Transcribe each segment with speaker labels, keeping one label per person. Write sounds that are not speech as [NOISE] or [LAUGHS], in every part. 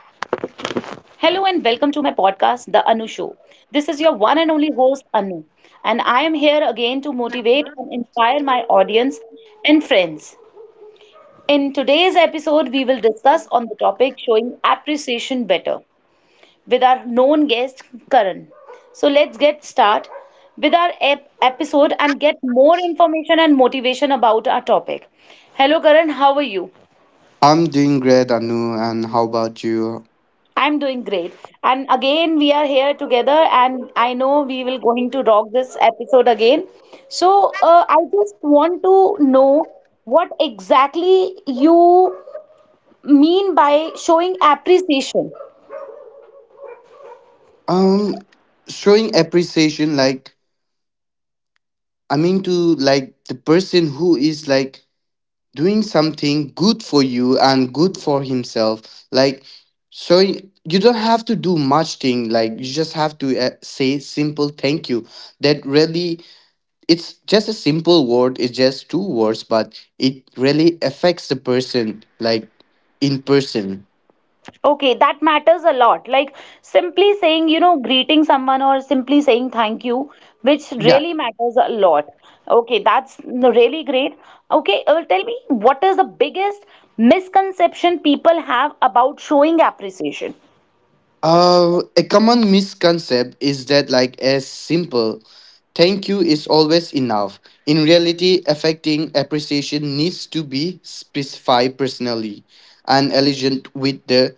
Speaker 1: Hello and welcome to my podcast, The Anu Show. This is your one and only host, Anu, and I am here again to motivate and inspire my audience and friends. In today's episode, we will discuss on the topic showing appreciation better with our known guest, Karan. So let's get start with our episode and get more information and motivation about our topic. Hello, Karan, how are you?
Speaker 2: I'm doing great, Anu, and how about you?
Speaker 1: I'm doing great. And again, we are here together, and I know we will going to rock this episode again. So, I just want to know what exactly you mean by showing appreciation.
Speaker 2: Um, Showing appreciation, like I mean to like the person who is like doing something good for you and good for himself. Like, so you don't have to do much thing. Like you just have to say simple thank you. That really, it's just a simple word. It's just two words, but it really affects the person, like in person.
Speaker 1: Okay, that matters a lot. Like simply saying, you know, greeting someone or simply saying thank you, which
Speaker 2: Yeah.
Speaker 1: really matters a lot. Okay, that's really great. Okay, tell me, what is the biggest misconception people have about showing appreciation?
Speaker 2: A common misconception is that like a simple thank you is always enough. In reality, affecting appreciation needs to be specified personally and elegant with the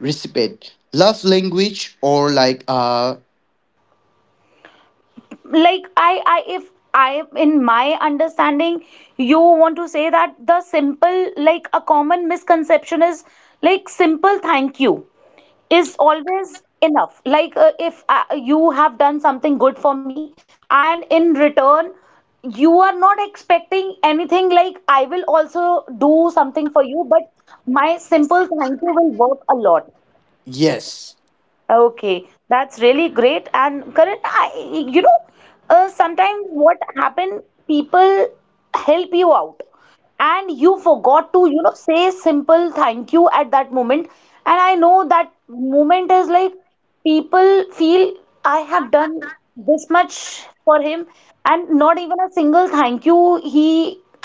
Speaker 2: recipient. Love language or like
Speaker 1: Like if I, in my understanding, you want to say that the simple, like a common misconception is like simple thank you is always enough. Like if you have done something good for me, and in return, you are not expecting anything like I will also do something for you, but my simple thank you will work a lot.
Speaker 2: yes.
Speaker 1: Okay, that's really great. And current, I, you know, sometimes what happen, people help you out and you forgot to, you know, say simple thank you at that moment, and I know that moment is like people feel I have done this much for him, and not even a single thank you he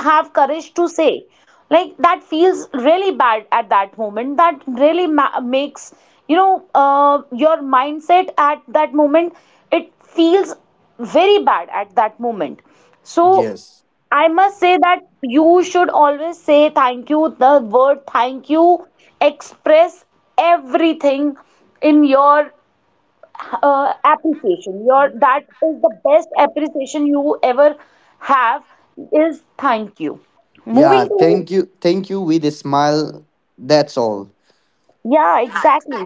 Speaker 1: have courage to say, like that feels really bad at that moment. That really makes, you know, your mindset at that moment, it feels very bad at that moment. So
Speaker 2: Yes.
Speaker 1: I must say that you should always say thank you. The word thank you express everything in your appreciation. Your that is the best appreciation you ever have is thank you.
Speaker 2: Yeah,
Speaker 1: Moving towards.
Speaker 2: thank you. Thank you with a smile. That's all.
Speaker 1: Yeah, exactly.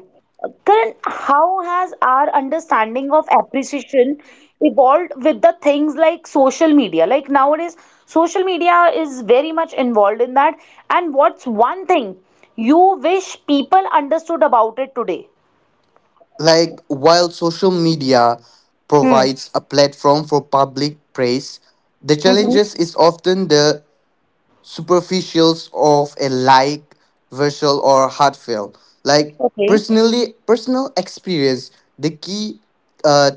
Speaker 1: Karan, how has our understanding of appreciation evolved with the things like social media? Like nowadays, social media is very much involved in that. And what's one thing you wish people understood about it today?
Speaker 2: Like, while social media
Speaker 1: Hmm.
Speaker 2: provides a platform for public praise, the
Speaker 1: Mm-hmm.
Speaker 2: challenges is often the superficials of a like virtual or heartfelt like
Speaker 1: Okay.
Speaker 2: personal experience, the key uh,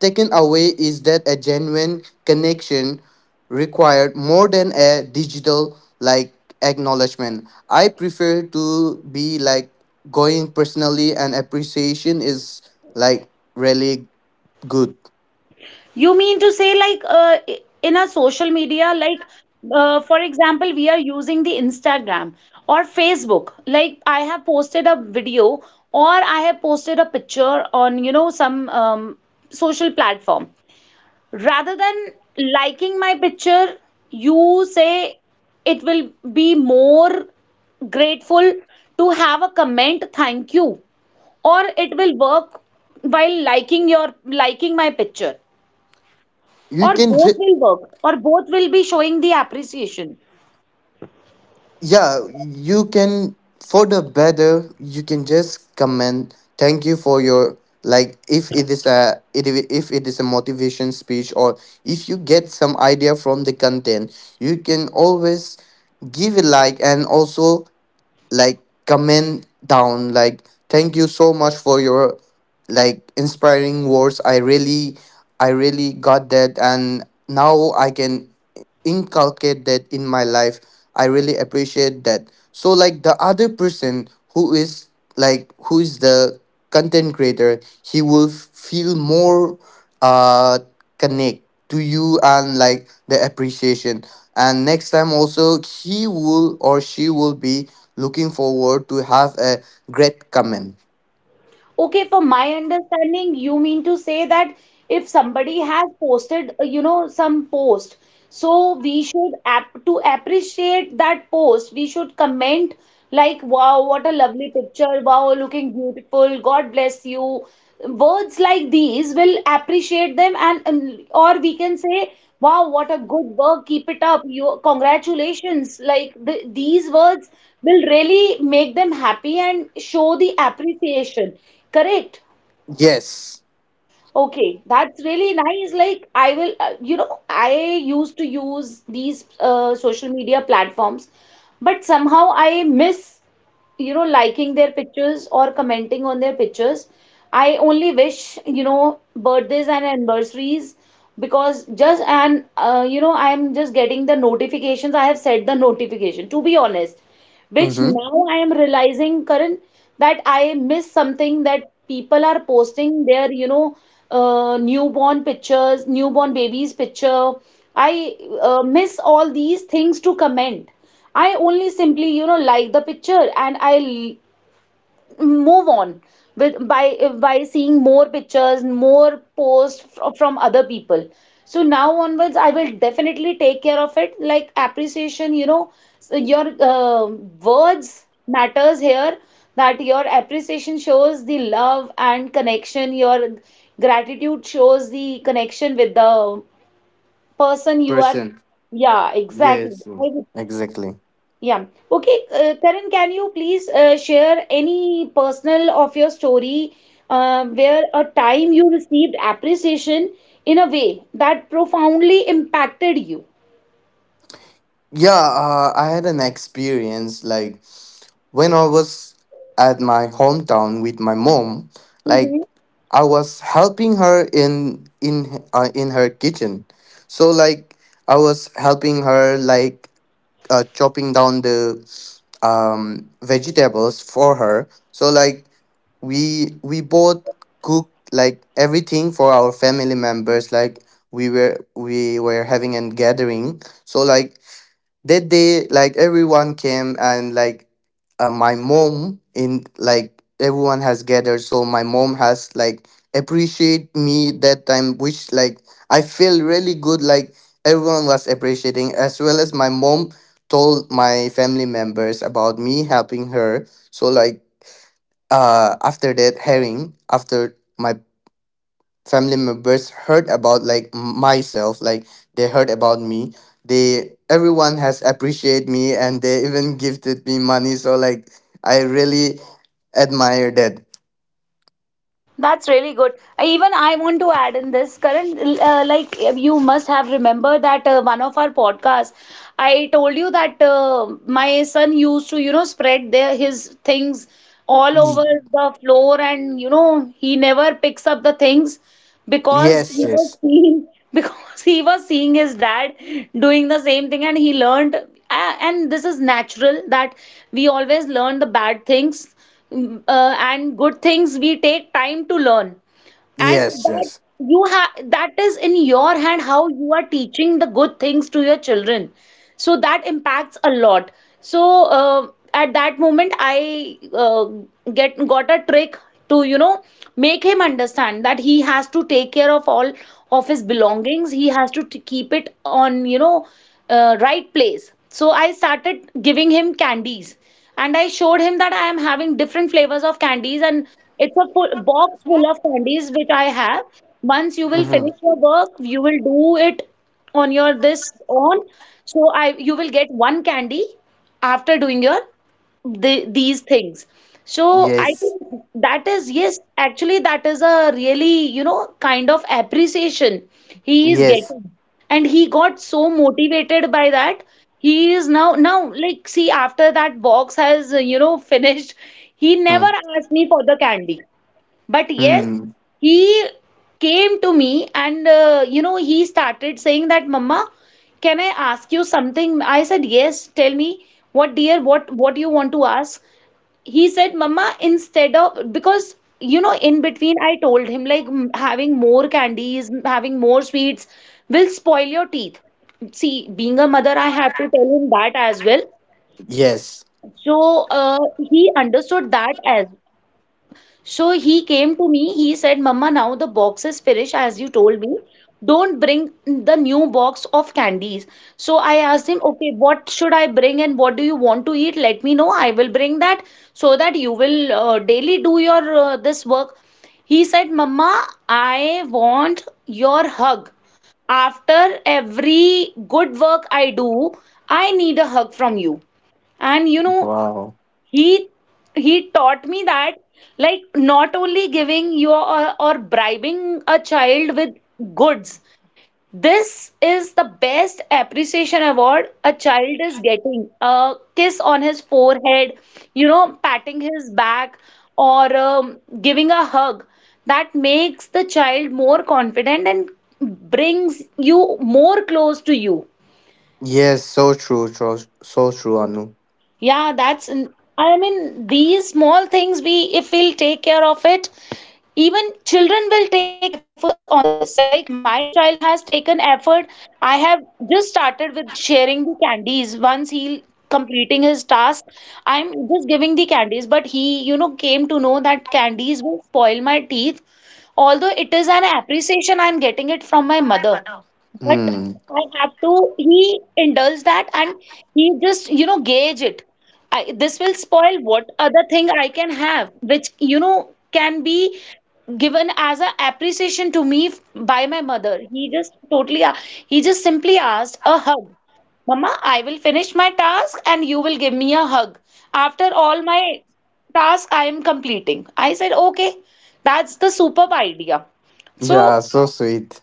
Speaker 2: taken away is that a genuine connection required more than a digital like acknowledgement. I prefer to be like going personally, and appreciation is like really good.
Speaker 1: You mean to say like in a social media, like for example, we are using the Instagram or Facebook. Like I have posted a video or I have posted a picture on, you know, some social platform. Rather than liking my picture, you say it will be more grateful to have a comment, thank you, or it will work while liking my picture,
Speaker 2: you
Speaker 1: or
Speaker 2: can
Speaker 1: both
Speaker 2: ju-
Speaker 1: will work, or both will be showing the appreciation.
Speaker 2: yeah, you can, for the better you can just comment thank you for your, like, if it is a if it is a motivation speech or if you get some idea from the content, you can always give a like and also like comment down like thank you so much for your like inspiring words. I really got that and now I can inculcate that in my life. I really appreciate that. So like the other person who is like who is the content creator, he will feel more uh connect to you and like the appreciation, and next time also he will or she will be looking forward to have a great comment.
Speaker 1: Okay, from my understanding, you mean to say that if somebody has posted, you know, some post, so we should appreciate that post. We should comment like, wow, what a lovely picture, wow, looking beautiful, God bless you. Words like these will appreciate them, and or we can say, wow, what a good work, keep it up, you congratulations. Like these words will really make them happy and show the appreciation. Correct.
Speaker 2: Yes.
Speaker 1: Okay, that's really nice. Like, I will, you know, I used to use these social media platforms, but somehow I miss, you know, liking their pictures or commenting on their pictures. I only wish, you know, birthdays and anniversaries because just and you know, I'm just getting the notifications. I have set the notification, to be honest, which
Speaker 2: Mm-hmm.
Speaker 1: now I am realizing, Karan, that I miss something that people are posting their, you know, newborn pictures, newborn babies picture. I miss all these things to comment. I only simply, you know, like the picture and move on with by seeing more pictures, more posts from other people. So now onwards, I will definitely take care of it. Like appreciation, you know, so your words matters here. That your appreciation shows the love and connection. Your gratitude shows the connection with the person you are.
Speaker 2: Person.
Speaker 1: Yeah, exactly.
Speaker 2: Yes.
Speaker 1: I
Speaker 2: Exactly.
Speaker 1: yeah. Okay, Karan, can you please share any personal of your story, where a time you received appreciation in a way that profoundly impacted you?
Speaker 2: Yeah, I had an experience like when I was at my hometown with my mom. Like
Speaker 1: Mhm.
Speaker 2: I was helping her in her kitchen. So like I was helping her, like chopping down the vegetables for her. So like we both cooked like everything for our family members. Like we were having a gathering. So like that day like everyone came, and like my mom, in like everyone has gathered, so my mom has like appreciate me that time, which like I feel really good. Like everyone was appreciating, as well as my mom told my family members about me helping her. So like after that hearing, after my family members heard about like myself, like they heard about me, they, everyone has appreciated me, and they even [LAUGHS] gifted me money. So like I really admire that.
Speaker 1: That's really good. Even I want to add in this, Karan, like you must have remembered that one of our podcasts, I told you that my son used to, you know, his things all
Speaker 2: Y-
Speaker 1: over the floor and, you know, he never picks up the things, because
Speaker 2: yes.
Speaker 1: he was
Speaker 2: Yes.
Speaker 1: seeing [LAUGHS] because he was seeing his dad doing the same thing, and he learned and this is natural that we always learn the bad things. And good things we take time to learn.
Speaker 2: Yes.
Speaker 1: And that
Speaker 2: Yes.
Speaker 1: you have, that is in your hand, how you are teaching the good things to your children, so that impacts a lot. So at that moment I get got a trick to, you know, make him understand that he has to take care of all of his belongings. He has to keep it on, you know, right place. So I started giving him candies, and I showed him that I am having different flavors of candies, and it's a full box full of candies which I have. Once you will
Speaker 2: Hmm.
Speaker 1: finish your work, you will do it on your this on, so I you will get one candy after doing your these things. So I
Speaker 2: Yes.
Speaker 1: think that is, yes, actually, that is a really, you know, kind of appreciation he is
Speaker 2: Yes.
Speaker 1: getting, and he got so motivated by that. He is now, like, see, after that box has you know, finished, he never asked me for the candy. But yes,
Speaker 2: Mm-hmm.
Speaker 1: he came to me and, you know, he started saying that, Mama, can I ask you something? I said, yes. Tell me what, dear, what you want to ask? He said, Mama, instead of, because you know, in between I told him like, having more candies, having more sweets will spoil your teeth. See, being a mother, I have to tell him that as well.
Speaker 2: Yes.
Speaker 1: So he understood that as well. So he came to me, he said, Mama, now the box is finished, as you told me. Don't bring the new box of candies. So I asked him, okay, what should I bring and what do you want to eat? Let me know. I will bring that, so that you will daily do your this work. He said, Mama, I want your hug. After every good work I do, I need a hug from you. And you know,
Speaker 2: Wow.
Speaker 1: he he taught me that, like, not only giving your or, bribing a child with goods. This is the best appreciation award. A child is getting a kiss on his forehead, you know, patting his back, or giving a hug, that makes the child more confident and brings you more close to you.
Speaker 2: Yes, so true. So true, Anu.
Speaker 1: Yeah, that's, I mean, these small things we, if we'll take care of it, even children will take efforts on this. Like my child has taken effort. I have just started with sharing the candies. Once he completing his task, I'm just giving the candies. But he, you know, came to know that candies will spoil my teeth. Although it is an appreciation, I'm getting it from my mother. But
Speaker 2: Hmm.
Speaker 1: I have to, he indulge that, and he just, you know, gauge it. I, this will spoil, what other thing I can have, which you know can be given as a appreciation to me by my mother. He just he just simply asked a hug. Mama, I will finish my task and you will give me a hug. After all my task I am completing. I said, okay, that's the superb idea. So
Speaker 2: Yeah, so sweet.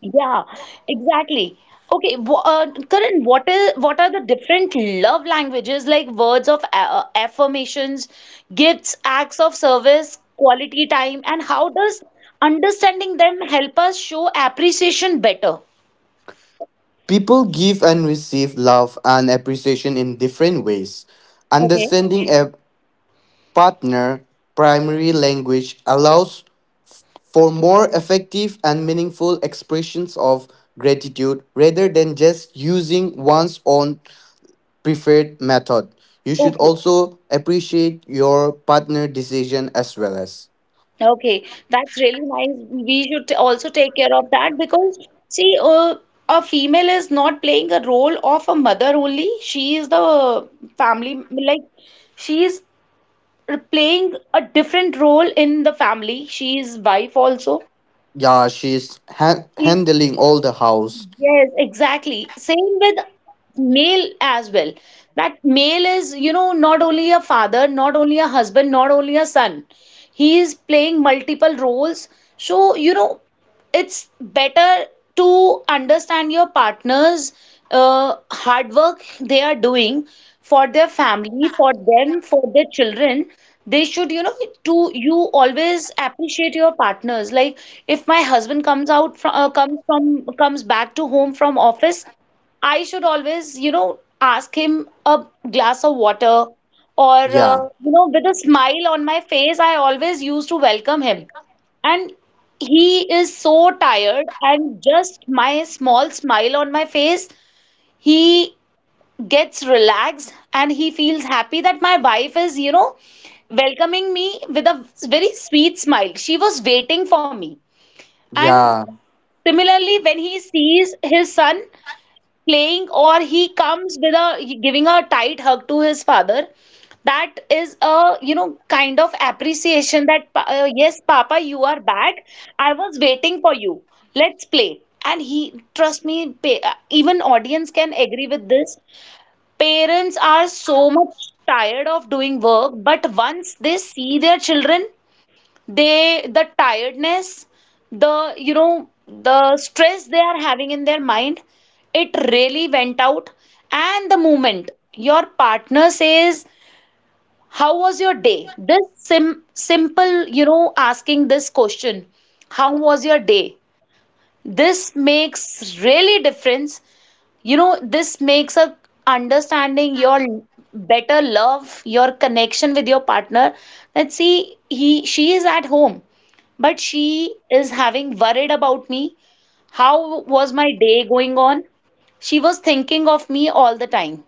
Speaker 1: yeah, exactly. Okay, Karan, what are the different love languages like words of affirmations, gifts, acts of service, quality time, and how does understanding them help us show appreciation better?
Speaker 2: People give and receive love and appreciation in different ways.
Speaker 1: Okay,
Speaker 2: Understanding a partner primary language allows f- for more effective and meaningful expressions of gratitude rather than just using one's own preferred method. You should
Speaker 1: okay,
Speaker 2: also appreciate your partner decision as well as.
Speaker 1: okay. That's really nice. We should also take care of that, because see, a female is not playing a role of a mother only. She is the family, like she is playing a different role in the family. She is wife also.
Speaker 2: Yeah, she's
Speaker 1: She's,
Speaker 2: handling all the house.
Speaker 1: yes, exactly. Same with male as well. That male is, you know, not only a father, not only a husband, not only a son. He is playing multiple roles. So, you know, it's better to understand your partner's hard work they are doing for their family, for them, for their children. They should, you know, to you always appreciate your partners. Like if my husband comes out from comes from comes back to home from office, I should always, ask him a glass of water or
Speaker 2: Yeah.
Speaker 1: with a smile on my face, I always used to welcome him. And he is so tired, and just my small smile on my face, he gets relaxed and he feels happy that my wife is, welcoming me with a very sweet smile. She was waiting for me. And
Speaker 2: Yeah.
Speaker 1: similarly, when he sees his son, playing or he comes with a giving a tight hug to his father, that is a, you know, kind of appreciation that yes, papa, you are back, I was waiting for you, let's play. And he, trust me, even audience can agree with this. Parents are so much tired of doing work, but once they see their children, the tiredness, the, you know, the stress they are having in their mind, it really went out. And the moment your partner says, how was your day, this simple, you know, asking this question, how was your day, this makes really difference. You know, this makes a understanding your better love, your connection with your partner. Let's see, he she is at home, but she is having worried about me. How was my day going on? She was thinking of me all the time.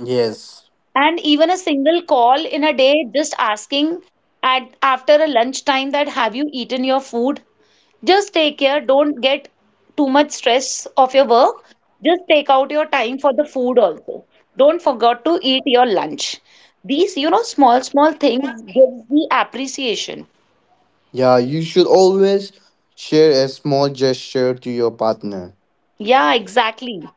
Speaker 2: Yes.
Speaker 1: And even a single call in a day, just asking at after a lunchtime, that have you eaten your food? Just take care. Don't get too much stress of your work. Just take out your time for the food also. Don't forget to eat your lunch. These, you know, small, small things gives the appreciation.
Speaker 2: Yeah, you should always share a small gesture to your partner.
Speaker 1: Yeah, exactly.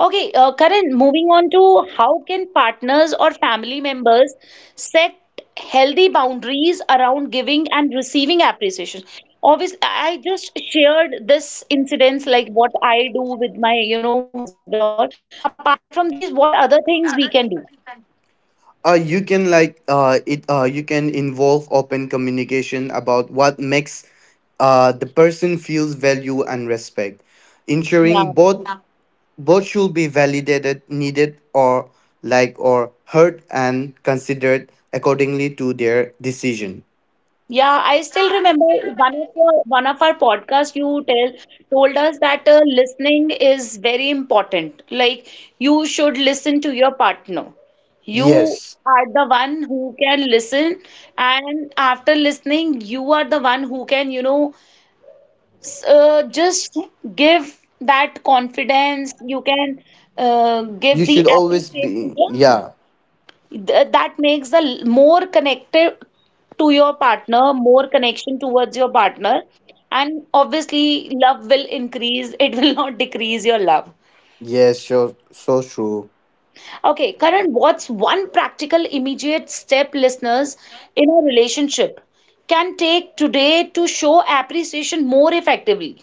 Speaker 1: Okay, Karan, moving on to how can partners or family members set healthy boundaries around giving and receiving appreciation? Obviously, I just shared this incidents like what I do with my, you know, husband and all. Apart from these, what other things we can do?
Speaker 2: You can involve open communication about what makes the person feels value and respect,
Speaker 1: Yeah.
Speaker 2: ensuring both should be validated, needed, or like or heard and considered accordingly to their decision.
Speaker 1: Yeah, I still remember one of our podcasts you tell told us that listening is very important. Like you should listen to your partner. You
Speaker 2: Yes,
Speaker 1: are the one who can listen, and after listening, you are the one who can, you know, just give that confidence. You can give
Speaker 2: you
Speaker 1: the
Speaker 2: should always
Speaker 1: appreciation.
Speaker 2: be.
Speaker 1: Yeah.
Speaker 2: Yeah,
Speaker 1: That makes more connected to your partner, more connection towards your partner, and obviously love will increase, it will [LAUGHS] not decrease your love.
Speaker 2: yes, sure, so true.
Speaker 1: Okay, Karan, what's one practical immediate step listeners in a relationship can take today to show appreciation more effectively?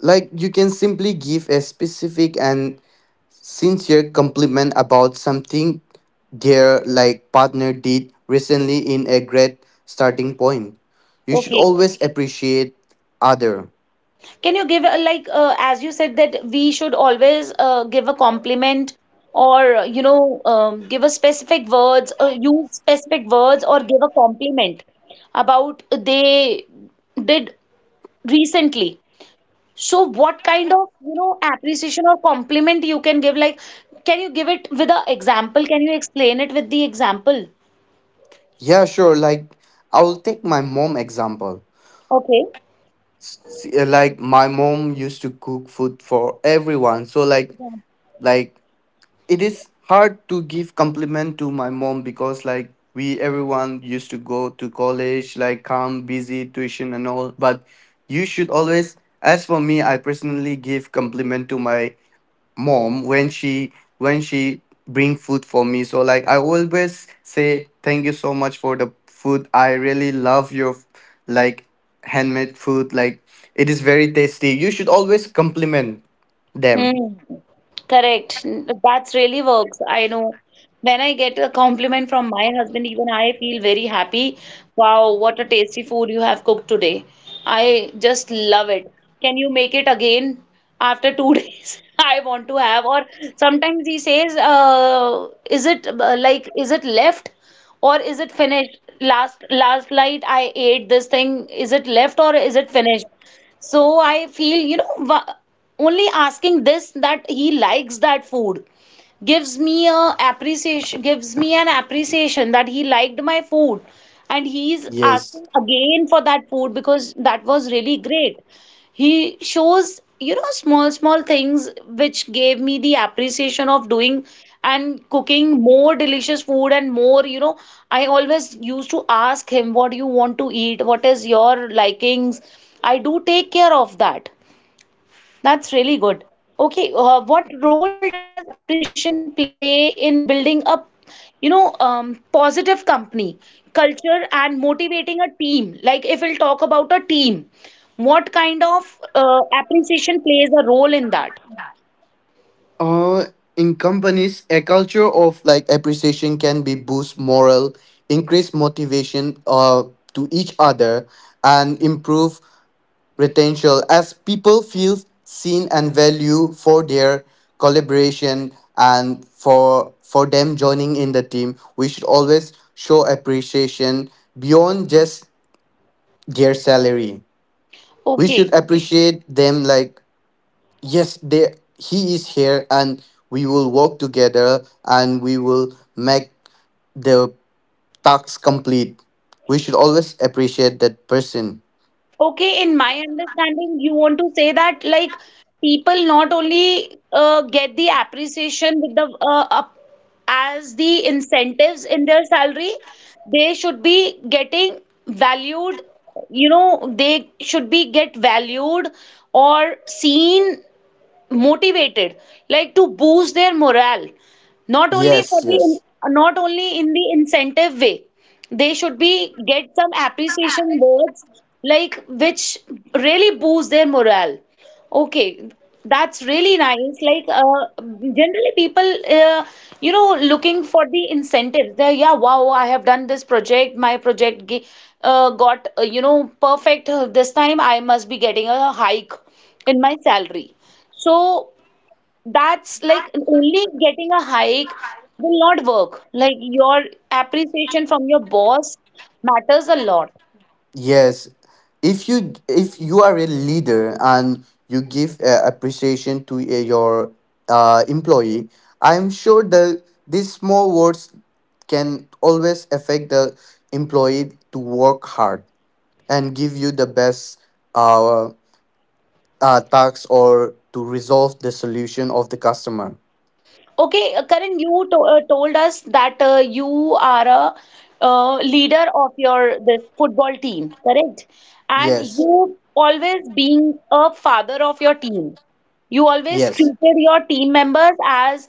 Speaker 2: Like, you can simply give a specific and sincere compliment about something their like partner did recently in a great starting point. You should
Speaker 1: Okay,
Speaker 2: always appreciate other.
Speaker 1: can you give a like as you said that we should always give a compliment or you know give a specific words or use specific words or give a compliment about they did recently. So what kind of, you know, appreciation or compliment you can give, like can you give it with an example? Can you explain it with the example?
Speaker 2: Yeah, sure. Like, I'll take my mom example.
Speaker 1: Okay.
Speaker 2: Like, my mom used to cook food for everyone, so like it is hard to give compliment to my mom because like we, everyone used to go to college, like come busy tuition and all, but you should always, as for me I personally give compliment to my mom when she bring food for me. So like I always say thank you so much for the food. I really love your, like, handmade food. Like, it is very tasty. You should always compliment them.
Speaker 1: Hmm. Correct. That's really works. I know. When I get a compliment from my husband, even I feel very happy. Wow, what a tasty food you have cooked today. I just love it. Can you make it again after two [LAUGHS] days? I want to have. Or sometimes he says, is it like, is it left or is it finished? Last night I ate this thing. Is it left or is it finished? So I feel, you know, only asking this that he likes that food gives me a appreciation, gives me an appreciation that he liked my food, and he's
Speaker 2: Yes.
Speaker 1: asking again for that food because that was really great. He shows, you know, small, small things which gave me the appreciation of doing and cooking more delicious food and more, you know, I always used to ask him, what do you want to eat, what is your likings. I do take care of that. That's really good. Okay, what role does appreciation play in building a, you know, positive company culture and motivating a team? Like if we'll talk about a team, what kind of appreciation plays a role in that?
Speaker 2: uh in companies, a culture of like appreciation can be boost morale, increase motivation to each other, and improve retention as people feel seen and value for their collaboration, and for them joining in the team we should always show appreciation beyond just their salary. We should
Speaker 1: Okay.
Speaker 2: appreciate them, like, yes, there he is here and we will work together and we will make the task complete. We should always appreciate that person.
Speaker 1: Okay, in my understanding, you want to say that like people not only get the appreciation with the up as the incentives in their salary, they should be getting valued, you know, they should be get valued or seen, motivated, like to boost their morale, not only for
Speaker 2: Yes.
Speaker 1: the,
Speaker 2: Yes.
Speaker 1: not only in the incentive way, they should be get some appreciation words, like which really boost their morale. Okay, that's really nice. Like generally people you know looking for the incentives, they, yeah, wow, I have done this project, my project got you know, perfect, this time I must be getting a hike in my salary. So that's like only getting a hike will not work. Like your appreciation from your boss matters a lot.
Speaker 2: Yes, if you are a leader and you give appreciation to your employee, I'm sure that these small words can always affect the employee to work hard and give you the best uh, tax, or to resolve the solution of the customer.
Speaker 1: Okay, Karan, you to told us that you are a leader of your this football team, correct? And
Speaker 2: Yes,
Speaker 1: you always being a father of your team. You always
Speaker 2: yes,
Speaker 1: treated your team members as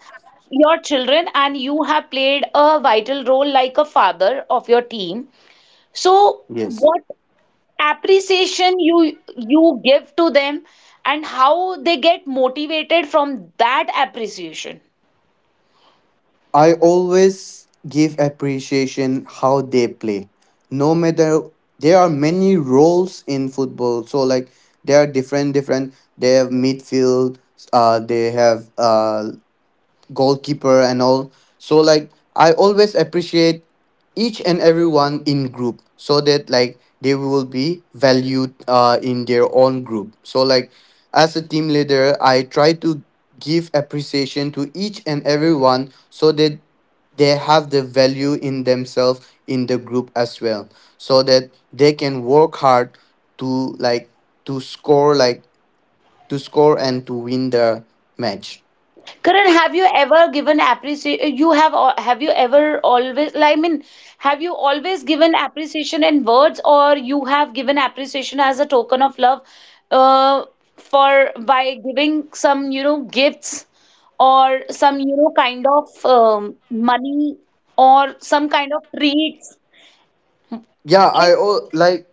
Speaker 1: your children, and you have played a vital role like a father of your team. So,
Speaker 2: yes.
Speaker 1: what appreciation you give to them, and how they get motivated from that appreciation.
Speaker 2: I always give appreciation how they play. No matter, there are many roles in football, so like, there are different different. They have midfield. They have goalkeeper and all. So like I always appreciate each and everyone in group so that like they will be valued in their own group. So like, as a team leader I try to give appreciation to each and everyone so that they have the value in themselves in the group as well, so that they can work hard, to like, to score, like, to score and to win the match.
Speaker 1: Karan, have you ever given appreciation? You have have you ever always? Like, I mean, have you always given appreciation in words, or you have given appreciation as a token of love, uh, for by giving some, you know, gifts or some, you know, kind of money or some kind of treats?
Speaker 2: Yeah, I
Speaker 1: Like,
Speaker 2: all like,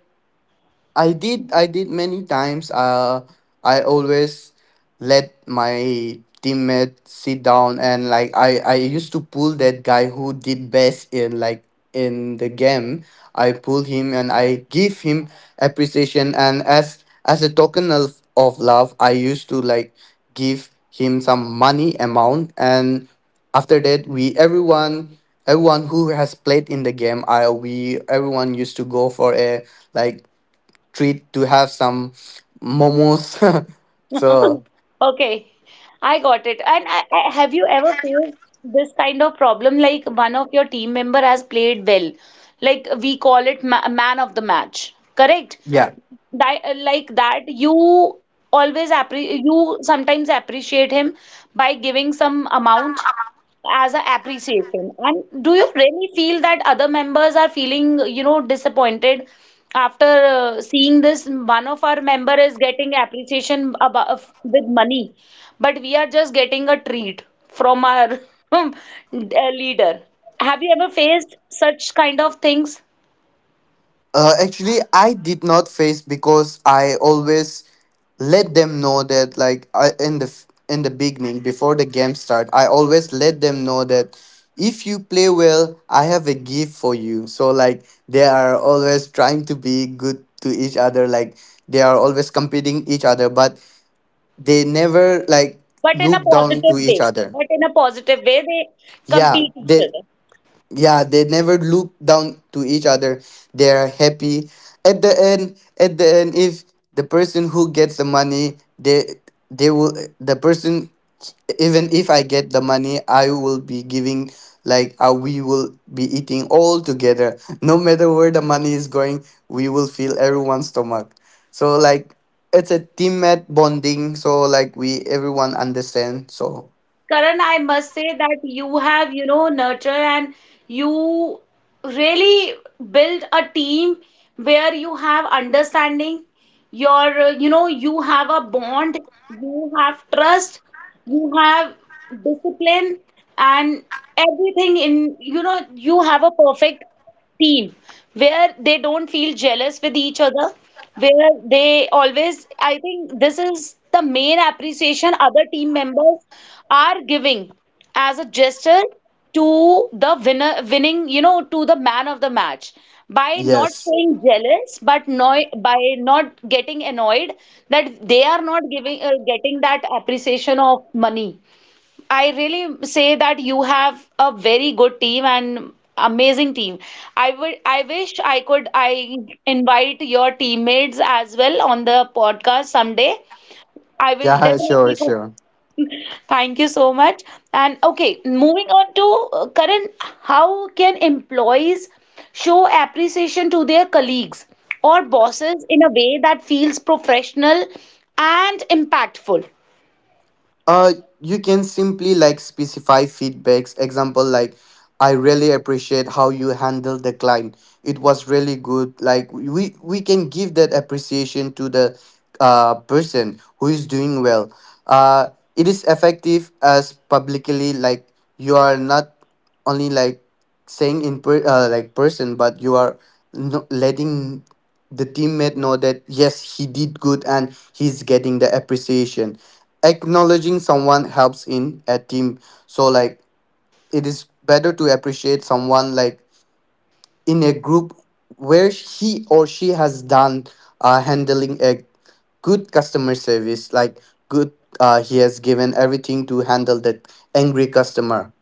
Speaker 2: I did, many times. I always let my teammate sit down, and like I used to pull that guy who did best in like in the game. I pull him and I give him appreciation, and as a token of love, I used to like give him some money amount, and after that we, everyone, who has played in the game, I, we everyone used to go for a, like, treat to have some momos. [LAUGHS]
Speaker 1: [LAUGHS]
Speaker 2: So,
Speaker 1: okay, I got it. And have you ever faced this kind of problem? Like one of your team member has played well, like we call it, ma, man of the match, correct?
Speaker 2: yeah,
Speaker 1: That like that you always appre you sometimes appreciate him by giving some amount as a appreciation. And do you really feel that other members are feeling, you know, disappointed after seeing this one of our member is getting appreciation above with money, but we are just getting a treat from our [LAUGHS] leader? Have you ever faced such kind of things?
Speaker 2: actually, I did not face, because I always let them know that like I, in the in the beginning before the game start, I always let them know that if you play well, I have a gift for you. So like, they are always trying to be good to each other. Like they are always competing each other, but they never like
Speaker 1: But in a
Speaker 2: look down
Speaker 1: positive
Speaker 2: to each
Speaker 1: way.
Speaker 2: other.
Speaker 1: But in a positive way, they
Speaker 2: Yeah,
Speaker 1: compete each
Speaker 2: they
Speaker 1: other.
Speaker 2: yeah, they never look down to each other. They are happy at the end. At the end, if the person who gets the money, they will, the person, even if I get the money, I will be giving, like, we will be eating all together, no matter where the money is going. We will fill everyone's stomach. So like, it's a teammate bonding. So like we, everyone understand. So,
Speaker 1: Karan, I must say that you have, you know, nurture and you really build a team where you have understanding, your, you know, you have a bond, you have trust, you have discipline, and everything in, you know, you have a perfect team, where they don't feel jealous with each other, where they always, I think this is the main appreciation other team members are giving as a gesture to the winner, winning, you know, to the man of the match. By not
Speaker 2: yes.
Speaker 1: showing jealous, but no, by not getting annoyed that they are not giving getting that appreciation of money. I really say that you have a very good team and amazing team. I would I wish I could I invite your teammates as well on the podcast someday. I will
Speaker 2: Yeah, sure,
Speaker 1: definitely go.
Speaker 2: sure.
Speaker 1: Thank you so much. And okay, moving on to Karan, how can employees show appreciation to their colleagues or bosses in a way that feels professional and impactful?
Speaker 2: Uh, you can simply like specify feedbacks. Example like, I really appreciate how you handled the client. It was really good. Like we can give that appreciation to the person who is doing well. Uh, it is effective as publicly, like you are not only like saying in per like person, but you are letting the teammate know that yes, he did good and he's getting the appreciation, acknowledging someone helps in a team. So like, it is better to appreciate someone like in a group where he or she has done handling a good customer service, like good, he has given everything to handle that angry customer.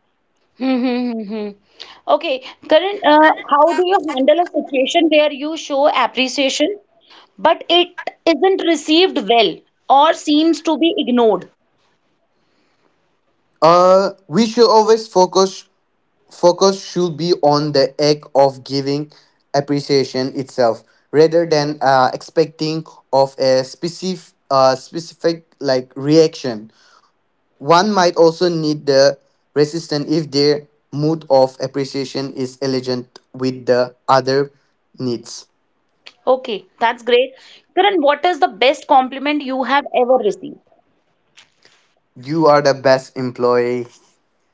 Speaker 1: Mm-hmm. Mm-hmm. Okay, Karan, how do you handle a situation where you show appreciation, but it isn't received well or seems to be ignored?
Speaker 2: We should always focus. Focus should be on the act of giving appreciation itself, rather than expecting of a specific like reaction. One might also need the resistance if their mood of appreciation is elegant with the other needs.
Speaker 1: Okay, that's great. Karan, what is the best compliment you have ever received?
Speaker 2: You are the best employee.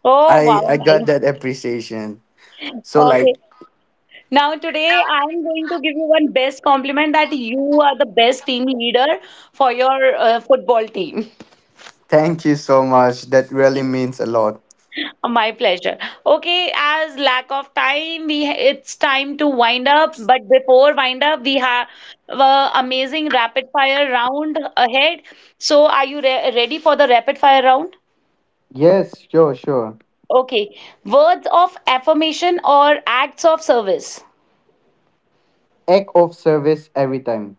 Speaker 1: Oh,
Speaker 2: I
Speaker 1: wow,
Speaker 2: I got
Speaker 1: nice.
Speaker 2: that appreciation. So
Speaker 1: Okay.
Speaker 2: like,
Speaker 1: Now, today I'm going to give you one best compliment that you are the best team leader for your football team.
Speaker 2: thank you so much. That really means a lot.
Speaker 1: My pleasure. Okay, as lack of time, we it's time to wind up. But before wind up, we have amazing rapid fire round ahead. So, are you re ready for the rapid fire round?
Speaker 2: Yes, sure, sure.
Speaker 1: Okay. Words of affirmation or acts of service.
Speaker 2: Act of service every time.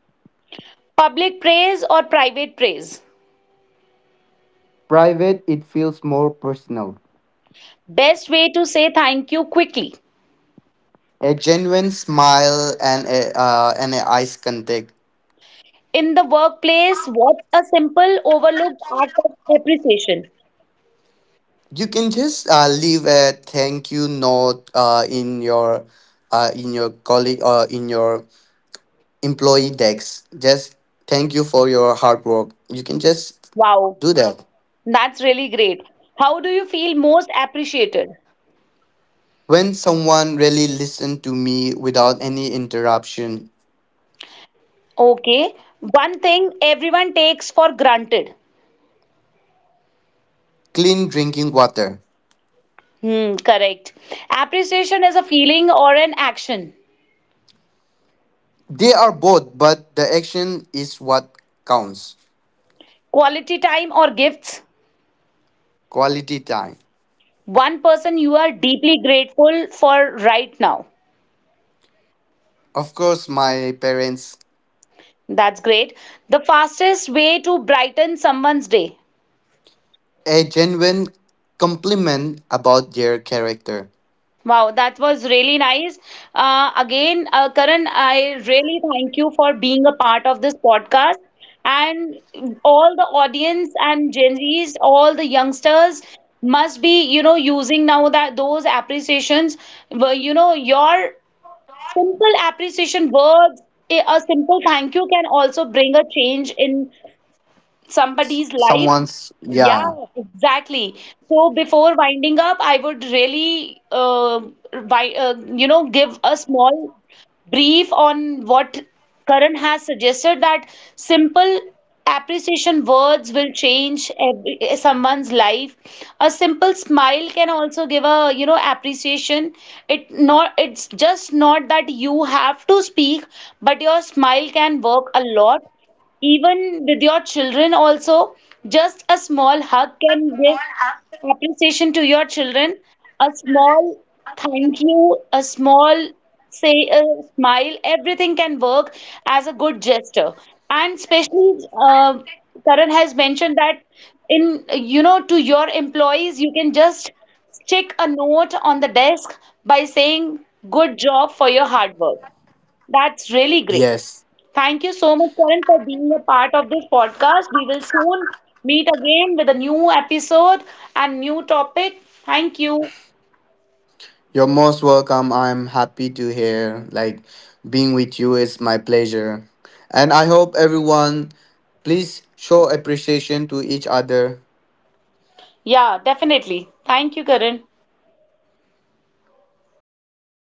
Speaker 1: Public praise or private praise.
Speaker 2: Private, it feels more personal.
Speaker 1: Best way to say thank you quickly.
Speaker 2: A genuine smile and a eyes contact.
Speaker 1: In the workplace, what's a simple overlooked act of appreciation?
Speaker 2: You can just leave a thank you note in your colleague or in your employee decks. Just thank you for your hard work. You can just
Speaker 1: Wow.
Speaker 2: do that.
Speaker 1: That's really great. How do you feel most appreciated?
Speaker 2: When someone really listened to me without any interruption,
Speaker 1: Okay, one thing everyone takes for granted.
Speaker 2: clean drinking water.
Speaker 1: Hmm, correct. Appreciation is a feeling or an action.
Speaker 2: They are both, but the action is what counts.
Speaker 1: Quality time or gifts.
Speaker 2: Quality time.
Speaker 1: One person you are deeply grateful for right now.
Speaker 2: Of course, my parents,
Speaker 1: That's great. The fastest way to brighten someone's day.
Speaker 2: a genuine compliment about their character.
Speaker 1: Wow, that was really nice. Again, Karan, I really thank you for being a part of this podcast. And all the audience and Gen Zs, all the youngsters must be, you know, using now that those appreciations were, you know, your simple appreciation words, a simple thank you can also bring a change in somebody's life.
Speaker 2: Someone's, yeah,
Speaker 1: Yeah, exactly. So before winding up, I would really, wi- uh, you know, give a small brief on what Karan has suggested, that simple appreciation words will change every, someone's life. A simple smile can also give a, you know, appreciation. It's just not that you have to speak, but your smile can work a lot. Even with your children, also, just a small hug can give appreciation to your children. A small thank you, a small say, a smile, everything can work as a good gesture. And especially, Karan has mentioned that in, you know, to your employees, you can just stick a note on the desk by saying, good job for your hard work. That's really great.
Speaker 2: yes.
Speaker 1: Thank you so much, Karan, for being a part of this podcast. We will soon meet again with a new episode and new topic. Thank you.
Speaker 2: You're most welcome. I'm happy to hear. Like, being with you is my pleasure. And I hope everyone, please show appreciation to each other.
Speaker 1: Yeah, definitely. Thank you, Karan.